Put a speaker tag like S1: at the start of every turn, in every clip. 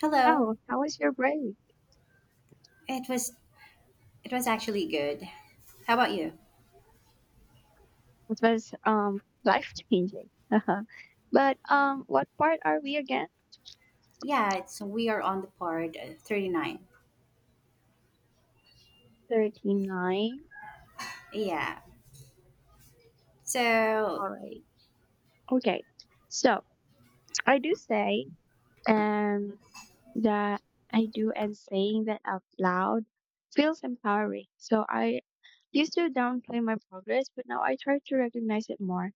S1: Hello.
S2: So, how was your break?
S1: It was it was actually good. How about you?
S2: It was life changing. But what part are we again?
S1: Yeah, it's we are on the part 39.
S2: 39.
S1: Yeah. So,
S2: All right. Okay. So I do say um that I do, and saying that out loud feels empowering. So I used to downplay my progress, but now I try to recognize it more.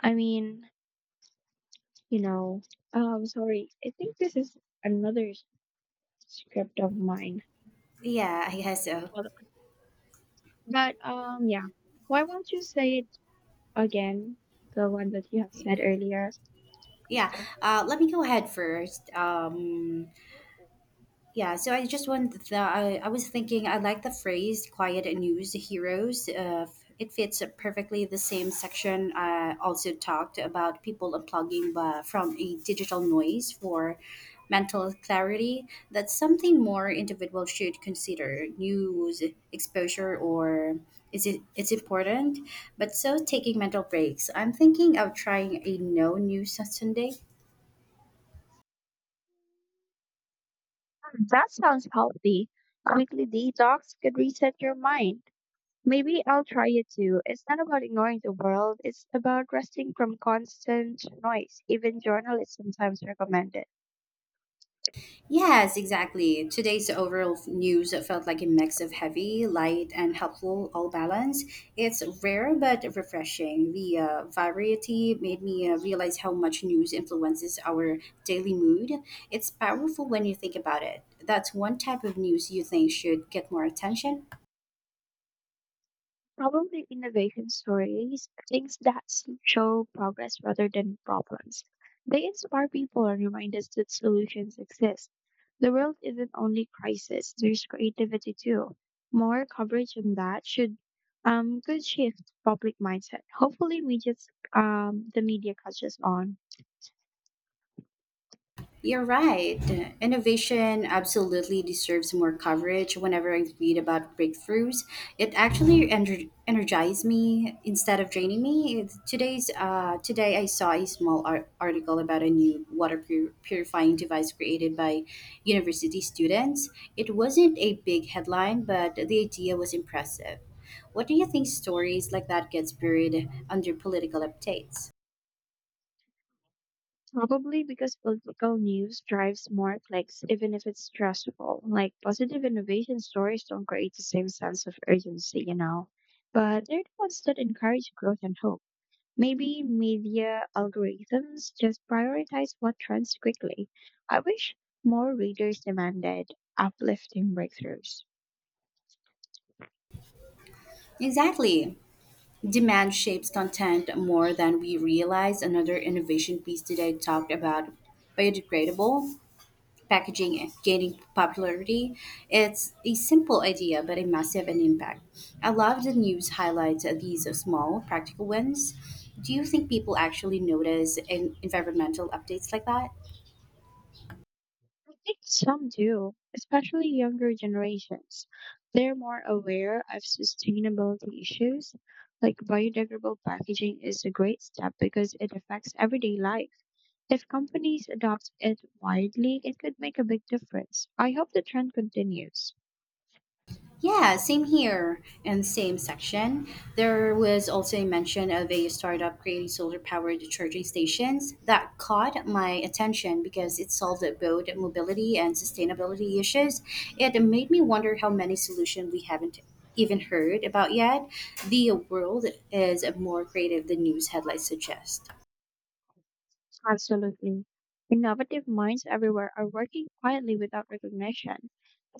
S2: I mean, you know, sorry. I think this is another s- script of mine.
S1: yeah, I guess so.
S2: But yeah. Why won't you say it again? The one that you have said earlier.
S1: Yeah.
S2: Hmm.
S1: Let me go ahead first. Yeah, so I just wanted the I was thinking I like the phrase "quiet and news heroes." It fits perfectly the same section. I also talked about people unplugging from a digital noise for mental clarity. That's something more individual should consider. News exposure or is it's important, but so taking mental breaks. I'm thinking of trying a no news Sunday.
S2: That sounds healthy. A weekly detox could reset your mind. Maybe I'll try it too. It's not about ignoring the world, it's about resting from constant noise. Even journalists sometimes recommend it.
S1: Yes, exactly. Today's overall news felt like a mix of heavy, light, and helpful, all balance. It's rare but refreshing. The variety made me realize how much news influences our daily mood. It's powerful when you think about it. That's one type of news you think should get more attention.
S2: Probably innovation stories, things that show progress rather than problems. They inspire people and remind us that solutions exist. The world isn't only crisis, there's creativity too. More coverage on that should could shift public mindset. Hopefully we just the media catches on.
S1: You're right. Innovation absolutely deserves more coverage. Whenever I read about breakthroughs, it actually energizes me instead of draining me. Today's today, I saw a small article about a new water purifying device created by university students. It wasn't a big headline, but the idea was impressive. What do you think stories like that get buried under political updates?
S2: Probably because political news drives more clicks, even if it's stressful. Like positive innovation stories don't create the same sense of urgency, you know. But they're the ones that encourage growth and hope. Maybe media algorithms just prioritize what trends quickly. I wish more readers demanded uplifting breakthroughs.
S1: Exactly. Demand shapes content more than we realize. Another innovation piece today talked about biodegradable packaging gaining popularity. It's a simple idea, but a massive an impact. I love the news highlights of these small, practical wins. Do you think people actually notice in environmental updates like that?
S2: I think some do, especially younger generations. They're more aware of sustainability issues. Like biodegradable packaging is a great step because it affects everyday life. If companies adopt it widely, it could make a big difference. I hope the trend continues.
S1: Yeah, same here and same section. There was also a mention of a startup creating solar powered charging stations that caught my attention because it solved both mobility and sustainability issues. It made me wonder how many solutions we haven't even heard about yet. The world is more creative than news headlines suggest.
S2: Absolutely. Innovative minds everywhere are working quietly without recognition.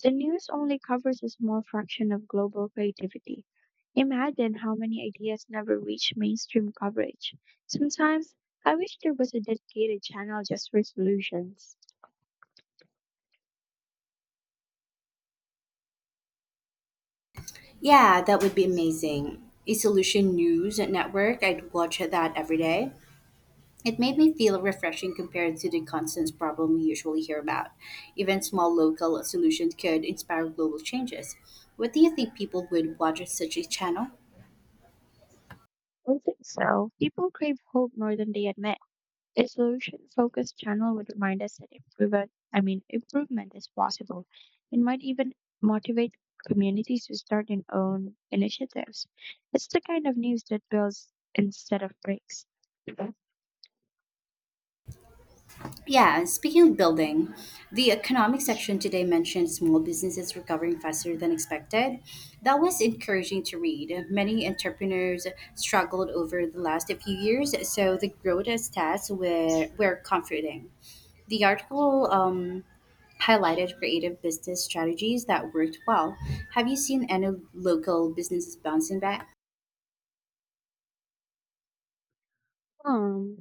S2: The news only covers a small fraction of global creativity. Imagine how many ideas never reach mainstream coverage. Sometimes I wish there was a dedicated channel just for solutions.
S1: Yeah, that would be amazing. A solution news network, I'd watch that every day. It made me feel refreshing compared to the constant problem we usually hear about. Even small local solutions could inspire global changes. What do you think people would watch such a channel?
S2: I think so. People crave hope more than they admit. A solution-focused channel would remind us that improvement is possible. It might even motivate communities to start their own initiatives. It's the kind of news that builds instead of breaks.
S1: Yeah, and speaking of building, the economic section today mentioned small businesses recovering faster than expected. That was encouraging to read. Many entrepreneurs struggled over the last few years, so the growth stats were comforting the article highlighted creative business strategies that worked well. Have you seen any local businesses bouncing back?
S2: Um,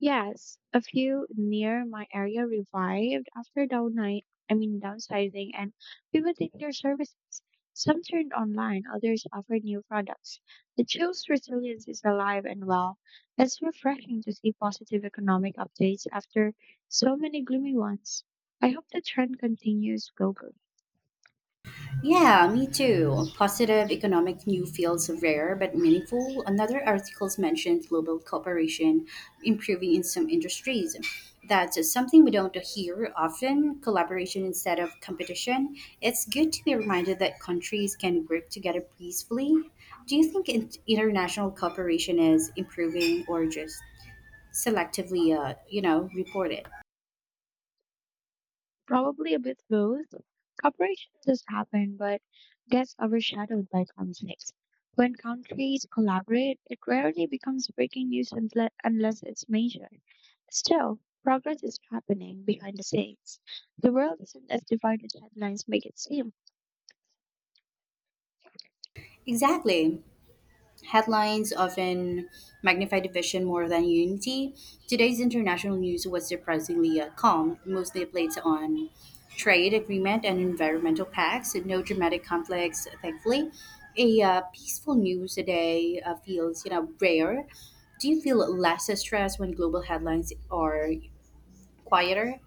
S2: Yes, a few near my area revived after downline, I mean downsizing and pivoting their services. Some turned online, others offered new products. The chill's resilience is alive and well. It's refreshing to see positive economic updates after so many gloomy ones. I hope the trend continues globally.
S1: Yeah, me too. Positive economic new fields are rare but meaningful. Another articles mentioned global cooperation improving in some industries. That's something we don't hear often. Collaboration instead of competition. It's good to be reminded that countries can work together peacefully. Do you think international cooperation is improving or just selectively, you know, reported.
S2: Probably a bit both. Cooperation does happen, but gets overshadowed by conflicts. When countries collaborate, it rarely becomes breaking news unless it's major. Still, progress is happening behind the scenes. The world isn't as divided as headlines make it seem.
S1: Exactly. Headlines often magnify division more than unity. Today's international news was surprisingly calm, mostly plates on trade agreement and environmental pacts, and no dramatic conflicts, thankfully. A peaceful news today feels, you know, rare. Do you feel less stressed when global headlines are quieter?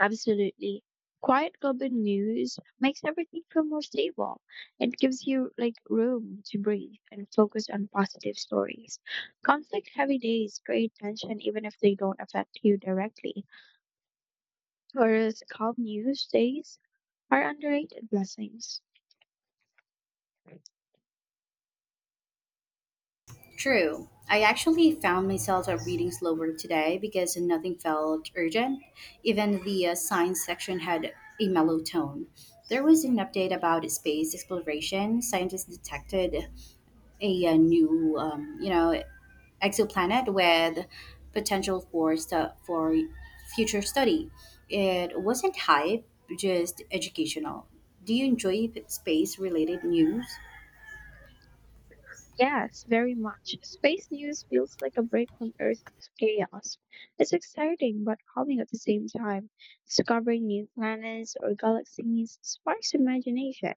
S2: Absolutely. Quiet global news makes everything feel more stable. It gives you like room to breathe and focus on positive stories. Conflict heavy days create tension even if they don't affect you directly. Whereas calm news days are underrated blessings.
S1: True. I actually found myself reading slower today because nothing felt urgent. Even the science section had a mellow tone. There was an update about space exploration. Scientists detected a new, you know, exoplanet with potential for for future study. It wasn't hype, just educational. Do you enjoy space related news?
S2: Yes, very much. Space news feels like a break from Earth's chaos. It's exciting but calming at the same time. Discovering new planets or galaxies sparks imagination.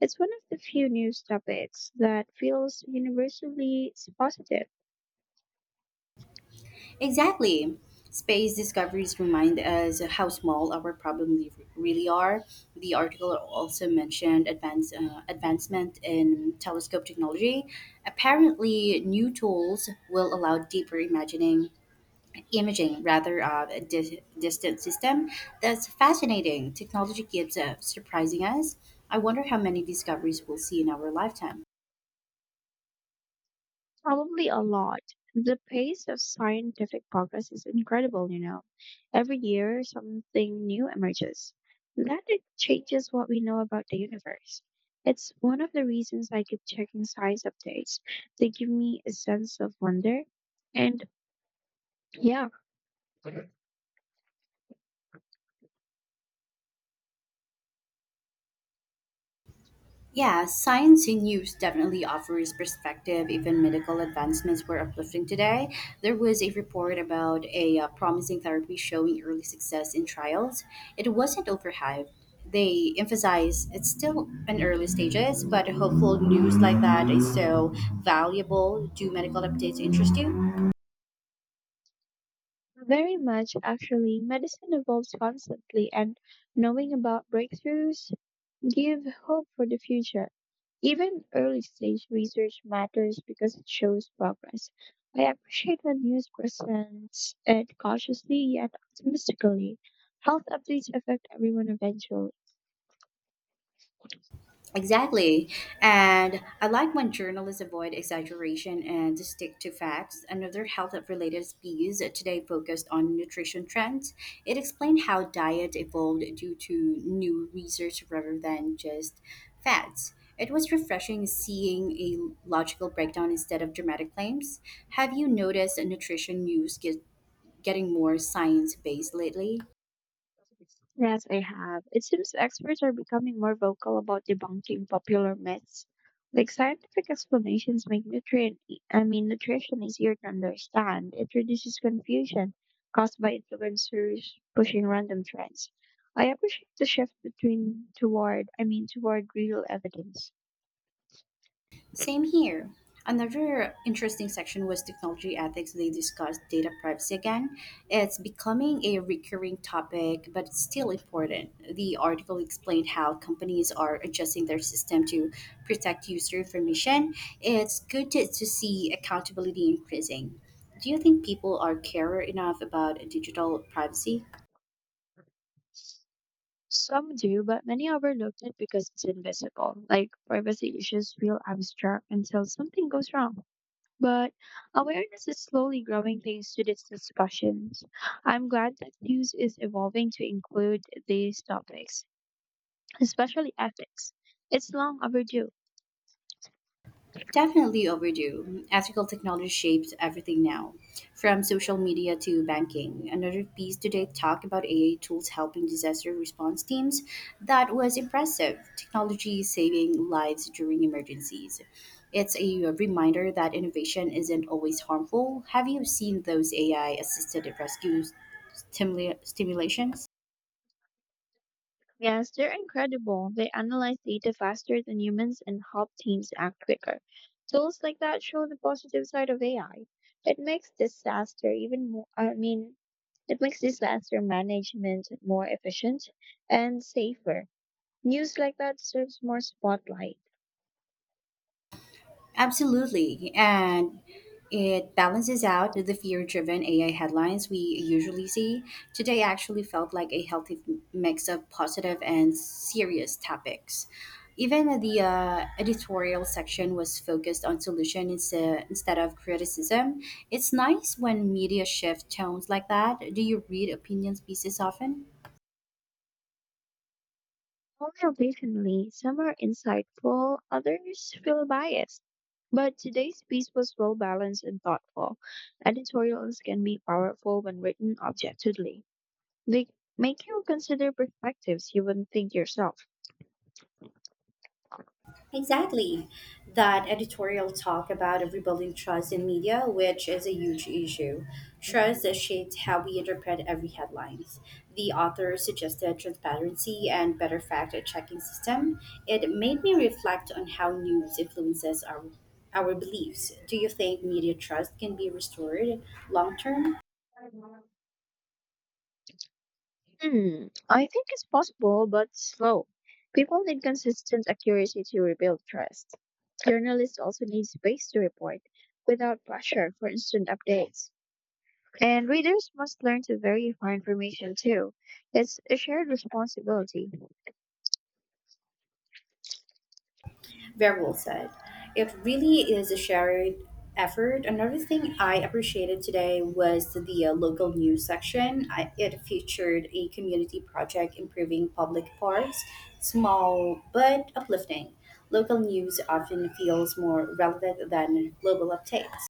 S2: It's one of the few news topics that feels universally positive.
S1: Exactly. Space discoveries remind us how small our problems really are. The article also mentioned advancement in telescope technology. Apparently, new tools will allow imaging rather of a distant system. That's fascinating. Technology keeps surprising us. I wonder how many discoveries we'll see in our lifetime.
S2: Probably a lot. The pace of scientific progress is incredible, you know. Every year, something new emerges. That it changes what we know about the universe. It's one of the reasons I keep checking science updates. They give me a sense of wonder. And yeah,
S1: Yeah, science in news definitely offers perspective. Even medical advancements were uplifting today. There was a report about a promising therapy showing early success in trials. It wasn't overhyped. They emphasize it's still in early stages, but hopeful news like that is so valuable. Do medical updates interest you?
S2: very much actually, medicine evolves constantly, and knowing about breakthroughs give hope for the future. Even early stage research matters because it shows progress. I appreciate when news presents it cautiously yet optimistically. Health updates affect everyone eventually.
S1: Exactly. And I like when journalists avoid exaggeration and stick to facts. Another health related piece today focused on nutrition trends. It explained how diet evolved due to new research rather than just fads. It was refreshing seeing a logical breakdown instead of dramatic claims. Have you noticed nutrition getting more science based lately?
S2: Yes, I have. It seems experts are becoming more vocal about debunking popular myths. Like scientific explanations make nutrient, e- I mean, nutrition easier to understand. It reduces confusion caused by influencers pushing random trends. I appreciate the shift between toward, I mean, toward real evidence.
S1: Same here. Another interesting section was technology ethics. They discussed data privacy again. It's becoming a recurring topic, but it's still important. The article explained how companies are adjusting their system to protect user information. It's good to see accountability increasing. Do you think people are care enough about digital privacy?
S2: Some do, but many overlooked it because it's invisible. Like privacy issues feel abstract until something goes wrong. But awareness is slowly growing thanks to these discussions. I'm glad that news is evolving to include these topics, especially ethics. It's long overdue.
S1: Definitely overdue. Ethical technology shapes everything now, from social media to banking. Another piece today talked about AI tools helping disaster response teams. That was impressive. Technology is saving lives during emergencies. It's a reminder that innovation isn't always harmful. Have you seen those AI assisted rescue stimulations?
S2: Yes, they're incredible. They analyze data faster than humans and help teams act quicker. Tools like that show the positive side of AI. It makes disaster even more, I mean, it makes disaster management more efficient and safer. News like that deserves more spotlight.
S1: Absolutely. And it balances out the fear driven AI headlines we usually see. Today actually felt like a healthy mix of positive and serious topics. Even the editorial section was focused on solution instead of criticism. It's nice when media shift tones like that. Do you read opinions pieces often?
S2: Only occasionally, some are insightful, others feel biased. But today's piece was well balanced and thoughtful. Editorials can be powerful when written objectively. They make you consider perspectives you wouldn't think yourself.
S1: Exactly. That editorial talk about rebuilding trust in media, which is a huge issue. Trust has shaped how we interpret every headlines. The author suggested transparency and better fact-checking system. It made me reflect on how news influences our beliefs. Do you think media trust can be restored long term?
S2: Hmm, I think it's possible, but slow. People need consistent accuracy to rebuild trust. Journalists also need space to report without pressure for instant updates. And readers must learn to verify information too. It's a shared responsibility.
S1: Very well said. It really is a shared effort. Another thing I appreciated today was the local news section. It featured a community project improving public parks, small but uplifting. Local news often feels more relevant than global updates.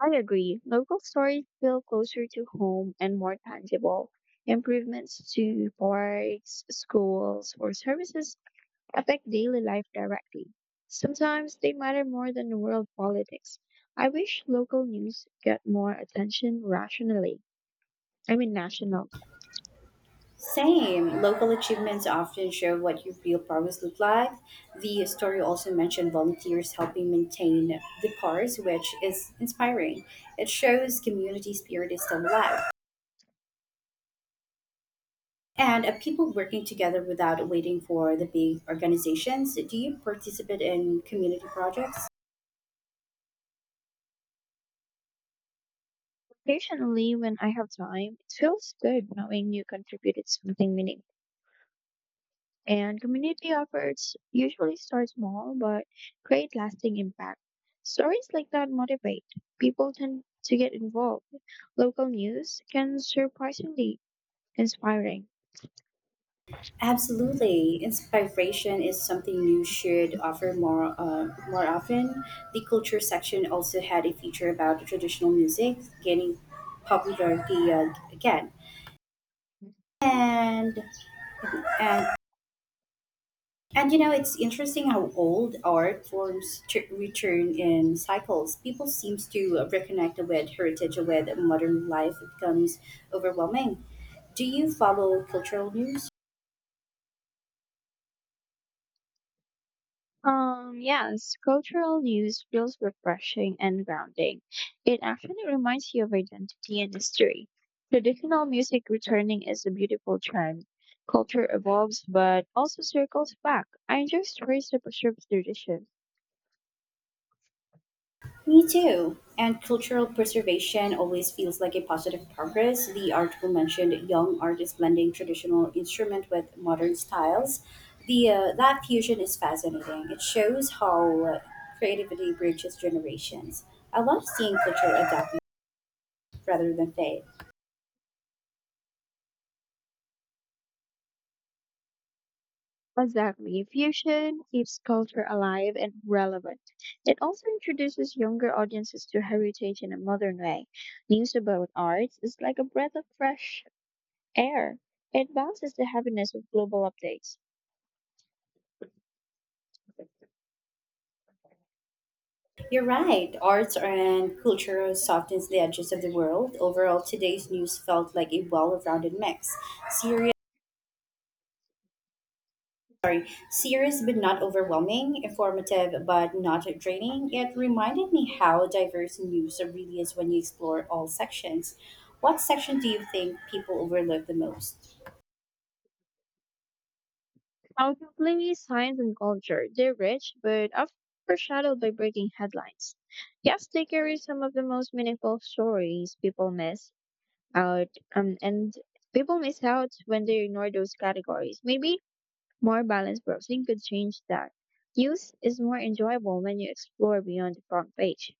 S2: I agree. Local stories feel closer to home and more tangible. Improvements to parks, schools, or services affect daily life directly. Sometimes they matter more than world politics. I wish local news get more attention national.
S1: Same. Local achievements often show what your real progress look like. The story also mentioned volunteers helping maintain the cars, which is inspiring. It shows community spirit is still alive. And people working together without waiting for the big organizations. Do you participate in community projects?
S2: Occasionally, when I have time, it feels good knowing you contributed something meaningful. And community efforts usually start small but create lasting impact. Stories like that motivate. People tend to get involved. Local news can surprisingly inspiring.
S1: Absolutely. Inspiration is something you should offer more often. The culture section also had a feature about traditional music gaining popularity again. And and and you know it's interesting how old art forms return in cycles. People seems to reconnect with heritage with modern life. It becomes overwhelming. Do you follow cultural news?
S2: Yes, cultural news feels refreshing and grounding. It actually reminds you of identity and history. Traditional music returning is a beautiful trend. Culture evolves but also circles back. I enjoy stories that preserve tradition.
S1: Me too. And cultural preservation always feels like a positive progress. The article mentioned young artists blending traditional instrument with modern styles. The that fusion is fascinating. It shows how creativity bridges generations. I love seeing culture adapt rather than fade.
S2: Exactly. Fusion keeps culture alive and relevant. It also introduces younger audiences to heritage in a modern way. News about arts is like a breath of fresh air. It balances the heaviness of global updates.
S1: You're right. Arts and culture softens the edges of the world. Overall, today's news felt like a well-rounded mix. Syria Serious but not overwhelming, informative but not draining, it reminded me how diverse news really is when you explore all sections. What section do you think people overlook the most?
S2: Outwardly, science and culture, they're rich, but often overshadowed by breaking headlines. Yes, they carry some of the most meaningful stories out, um, and people miss out when they ignore those categories. Maybe more balanced browsing could change that. News is more enjoyable when you explore beyond the front page.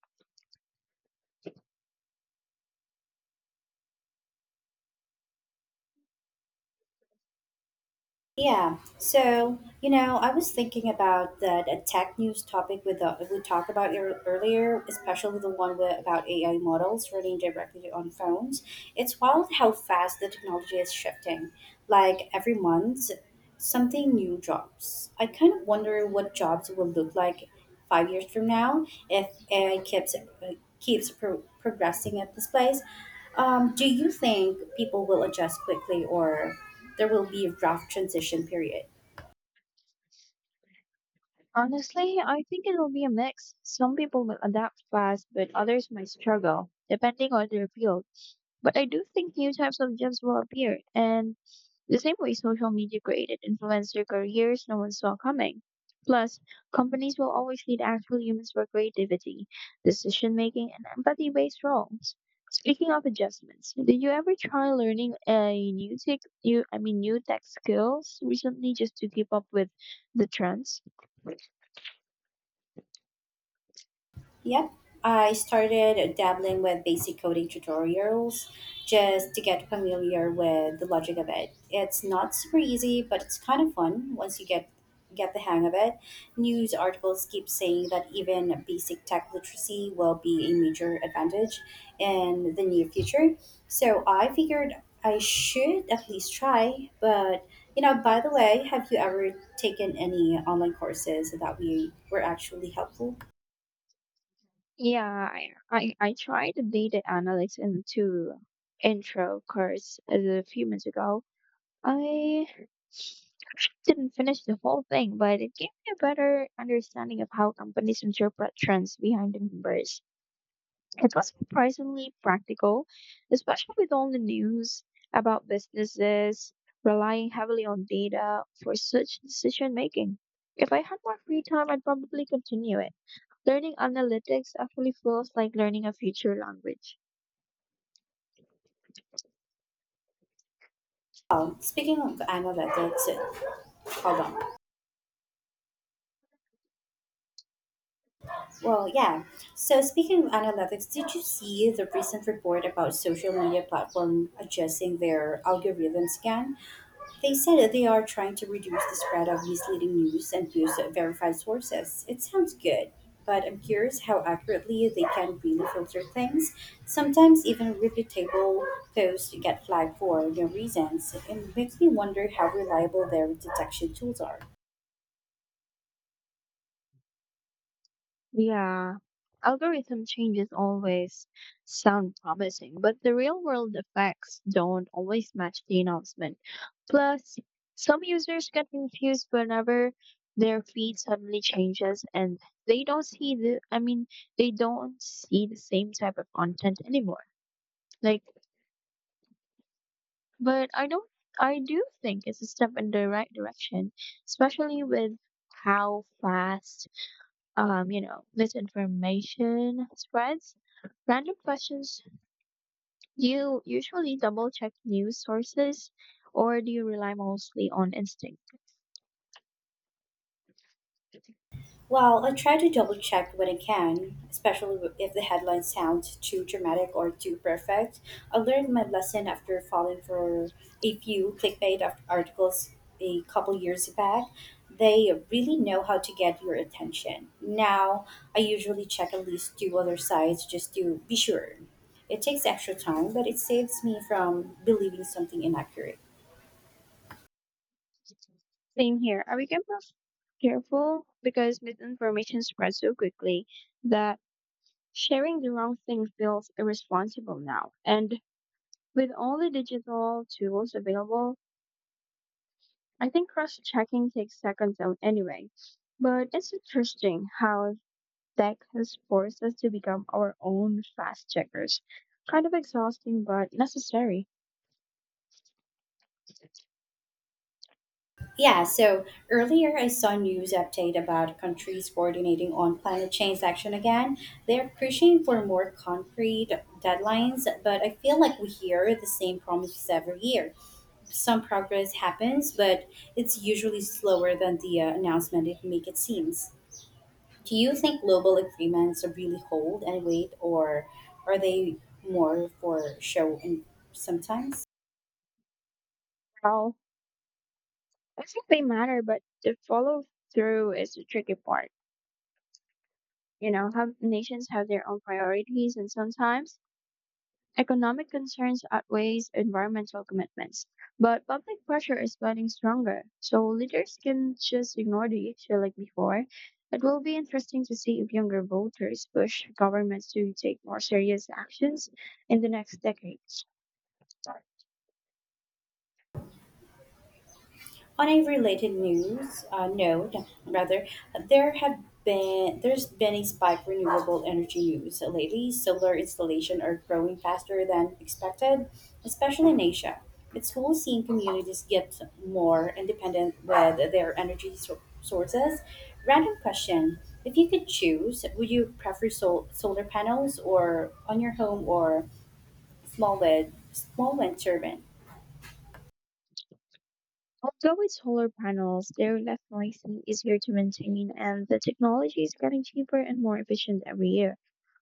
S1: Yeah, so you know, I was thinking about that tech news topic with the, we talked about earlier, especially the one with, about AI models running directly on phones. It's wild how fast the technology is shifting. Like every month, something new jobs. I kind of wonder what jobs will look like 5 years from now if AI keeps progressing at this place. Do you think people will adjust quickly, or there will be a rough transition period?
S2: Honestly, I think it will be a mix. Some people will adapt fast, but others might struggle, depending on their field. But I do think new types of jobs will appear, and the same way social media created influencer careers no one saw coming. Plus, companies will always need actual humans for creativity, decision making, and empathy based roles. Speaking of adjustments, did you ever try learning a new tech, new, I mean, new tech skills recently just to keep up with the trends?
S1: Yep, I started dabbling with basic coding tutorials just to get familiar with the logic of it. It's not super easy, but it's kind of fun once you get the hang of it. News articles keep saying that even basic tech literacy will be a major advantage in the near future. So I figured I should at least try, but you know, by the way, have you ever taken any online courses that we were actually helpful?
S2: Yeah, I tried data analytics into intro course a few months ago. I didn't finish the whole thing, but it gave me a better understanding of how companies interpret trends behind the numbers. It was surprisingly practical, especially with all the news about businesses relying heavily on data for such decision making. If I had more free time, I'd probably continue it. Learning analytics actually feels like learning a future language.
S1: Oh, speaking of analytics, hold on. Well, yeah. So, speaking of analytics, did you see the recent report about social media platform adjusting their algorithms again? They said that they are trying to reduce the spread of misleading news and use verified sources. It sounds good, but I'm curious how accurately they can really filter things. Sometimes even reputable posts get flagged for no reasons. It makes me wonder how reliable their detection tools are.
S2: Yeah, algorithm changes always sound promising, but the real world effects don't always match the announcement. Plus, some users get confused whenever their feed suddenly changes and they don't see the, I mean, they don't see the same type of content anymore. Like, but I don't, I do think it's a step in the right direction, especially with how fast misinformation spreads. Random questions. Do you usually double check news sources or do you rely mostly on instinct?
S1: Well, I try to double check when I can, especially if the headline sounds too dramatic or too perfect. I learned my lesson after falling for a few clickbait articles a couple years back. They really know how to get your attention. Now, I usually check at least two other sites just to be sure. It takes extra time, but it saves me from believing something inaccurate.
S2: Same here. I became more careful because misinformation spreads so quickly that sharing the wrong thing feels irresponsible now. And with all the digital tools available, I think cross checking takes seconds out anyway. But it's interesting how tech has forced us to become our own fast checkers. Kind of exhausting, but necessary.
S1: Yeah, so earlier I saw news update about countries coordinating on climate change action again. They're pushing for more concrete deadlines, but I feel like we hear the same promises every year. Some progress happens, but it's usually slower than the announcement it make it seems. Do you think global agreements really hold and weight, or are they more for show and sometimes?
S2: Well, I think they matter, but the follow through is the tricky part. You know, have nations have their own priorities, and sometimes economic concerns outweighs environmental commitments, but public pressure is getting stronger, so leaders can just ignore the issue like before. It will be interesting to see if younger voters push governments to take more serious actions in the next decades.
S1: On a related news note, rather, there have there's been a spike in renewable energy news lately. Solar installations are growing faster than expected, especially in Asia. It's cool seeing communities get more independent with their energy sources. Random question: if you could choose, would you prefer solar panels or on your home or small wind turbine?
S2: Although with solar panels, they're less noisy, easier to maintain, and the technology is getting cheaper and more efficient every year.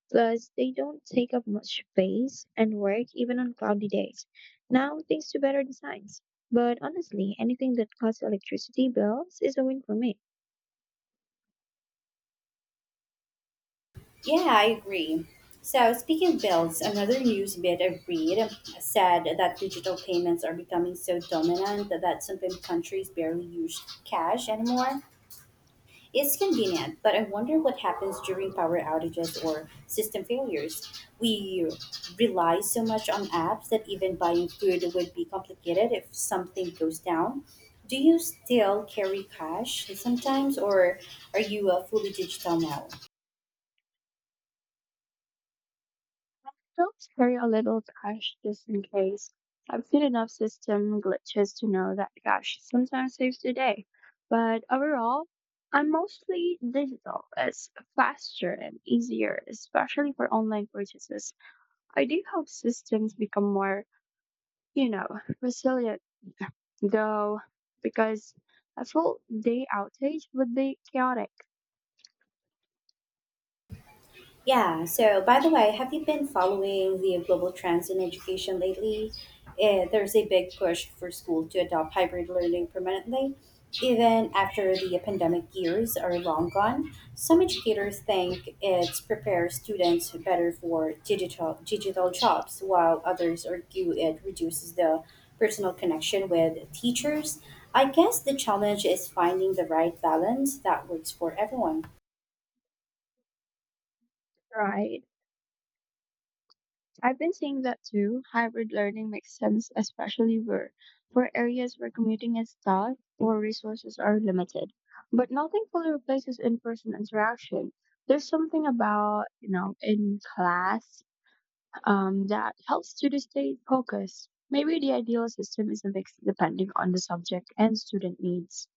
S2: Plus, they don't take up much space and work even on cloudy days. Now, thanks to better designs. But honestly, anything that cuts electricity bills is a win for me.
S1: Yeah, I agree. So, speaking of bills, another news bit I read said that digital payments are becoming so dominant that some countries barely use cash anymore. It's convenient, but I wonder what happens during power outages or system failures. We rely so much on apps that even buying food would be complicated if something goes down. Do you still carry cash sometimes, or are you fully digital now?
S2: Helps carry a little cash just in case. I've seen enough system glitches to know that cash sometimes saves the day. But overall, I'm mostly digital. It's faster and easier, especially for online purchases. I do hope systems become more, you know, resilient though, because a full day outage would be chaotic,
S1: Yeah, so by the way, have you been following the global trends in education lately? There's a big push for school to adopt hybrid learning permanently. Even after the pandemic years are long gone, some educators think it prepares students better for digital jobs, while others argue it reduces the personal connection with teachers. I guess the challenge is finding the right balance that works for everyone.
S2: right? I've been seeing that too. Hybrid learning makes sense, especially where for areas where commuting is tough or resources are limited. But nothing fully replaces in-person interaction. There's something about, you know, in class that helps students stay focused. Maybe the ideal system is a mix depending on the subject and student needs.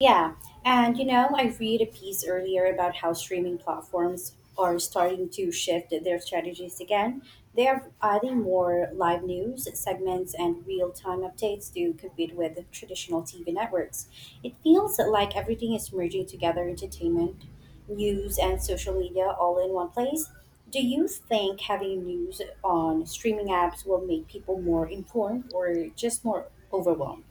S1: Yeah, and you know, I read a piece earlier about how streaming platforms are starting to shift their strategies again. They are adding more live news segments and real time updates to compete with the traditional TV networks. It feels like everything is merging together entertainment, news, and social media all in one place. Do you think having news on streaming apps will make people more informed or just more overwhelmed?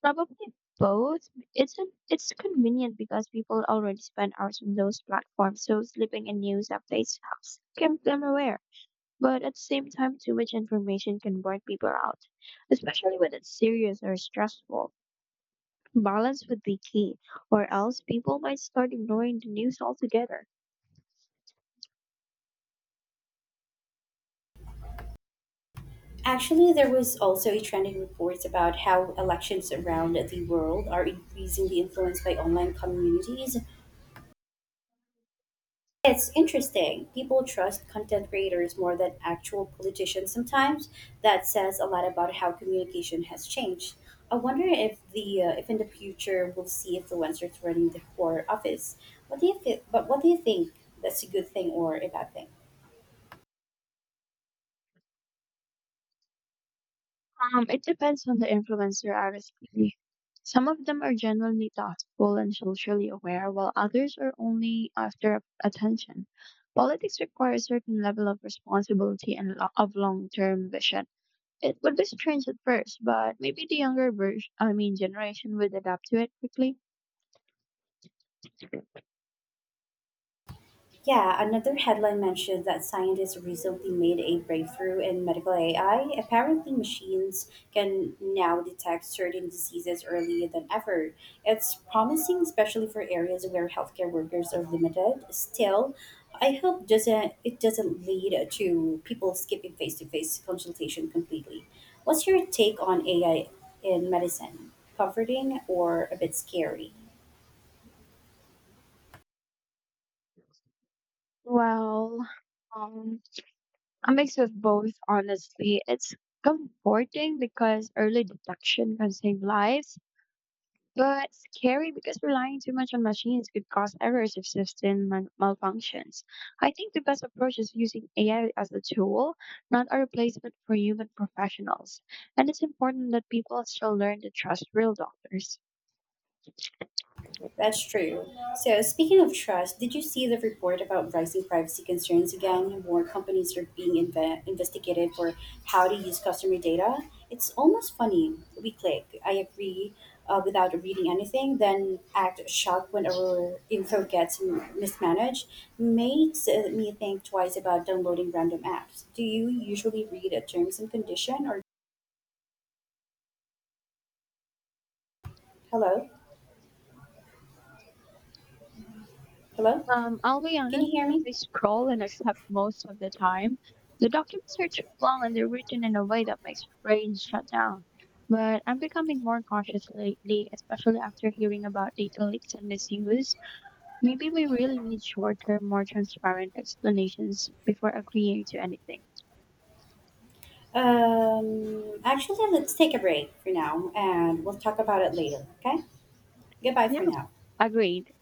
S2: Probably both. It's convenient because people already spend hours on those platforms, so slipping in news updates helps keep them aware. But at the same time, too much information can burn people out, especially when it's serious or stressful. Balance would be key, or else people might start ignoring the news altogether.
S1: Actually, there was also a trending report about how elections around the world are increasingly influenced by online communities. It's interesting. People trust content creators more than actual politicians sometimes. That says a lot about how communication has changed. I wonder if the if in the future we'll see influencers running the core office. What do you think? But what do you think? That's a good thing or a bad thing?
S2: It depends on the influencer, honestly. Some of them are genuinely thoughtful and socially aware, while others are only after attention. Politics requires a certain level of responsibility and lo- of long-term vision. It would be strange at first, but maybe the younger version, I mean, generation would adapt to it quickly.
S1: Yeah, another headline mentioned that scientists recently made a breakthrough in medical AI. Apparently, machines can now detect certain diseases earlier than ever. It's promising, especially for areas where healthcare workers are limited. Still, I hope doesn't it doesn't lead to people skipping face-to-face consultation completely. What's your take on AI in medicine? Comforting or a bit scary?
S2: Well, um, a mix of both, honestly. It's comforting because early detection can save lives. But scary because relying too much on machines could cause errors if system malfunctions. I think the best approach is using AI as a tool, not a replacement for human professionals. And it's important that people still learn to trust real doctors.
S1: That's true. So, speaking of trust, did you see the report about rising privacy concerns again? More companies are being investigated for how to use customer data. It's almost funny. We click, I agree, without reading anything, then act shocked when our info gets mismanaged. Makes me think twice about downloading random apps. Do you usually read a terms and condition or hello? Hello?
S2: I'll be
S1: Can
S2: honest,
S1: you hear me?
S2: I scroll and accept most of the time. The documents are too long and they're written in a way that makes your brain shut down. But I'm becoming more cautious lately, especially after hearing about data leaks and misuse. Maybe we really need shorter, more transparent explanations before agreeing to anything.
S1: Actually, let's take a break for now and we'll talk about it later. Okay? Goodbye for
S2: Yeah.
S1: now.
S2: Agreed.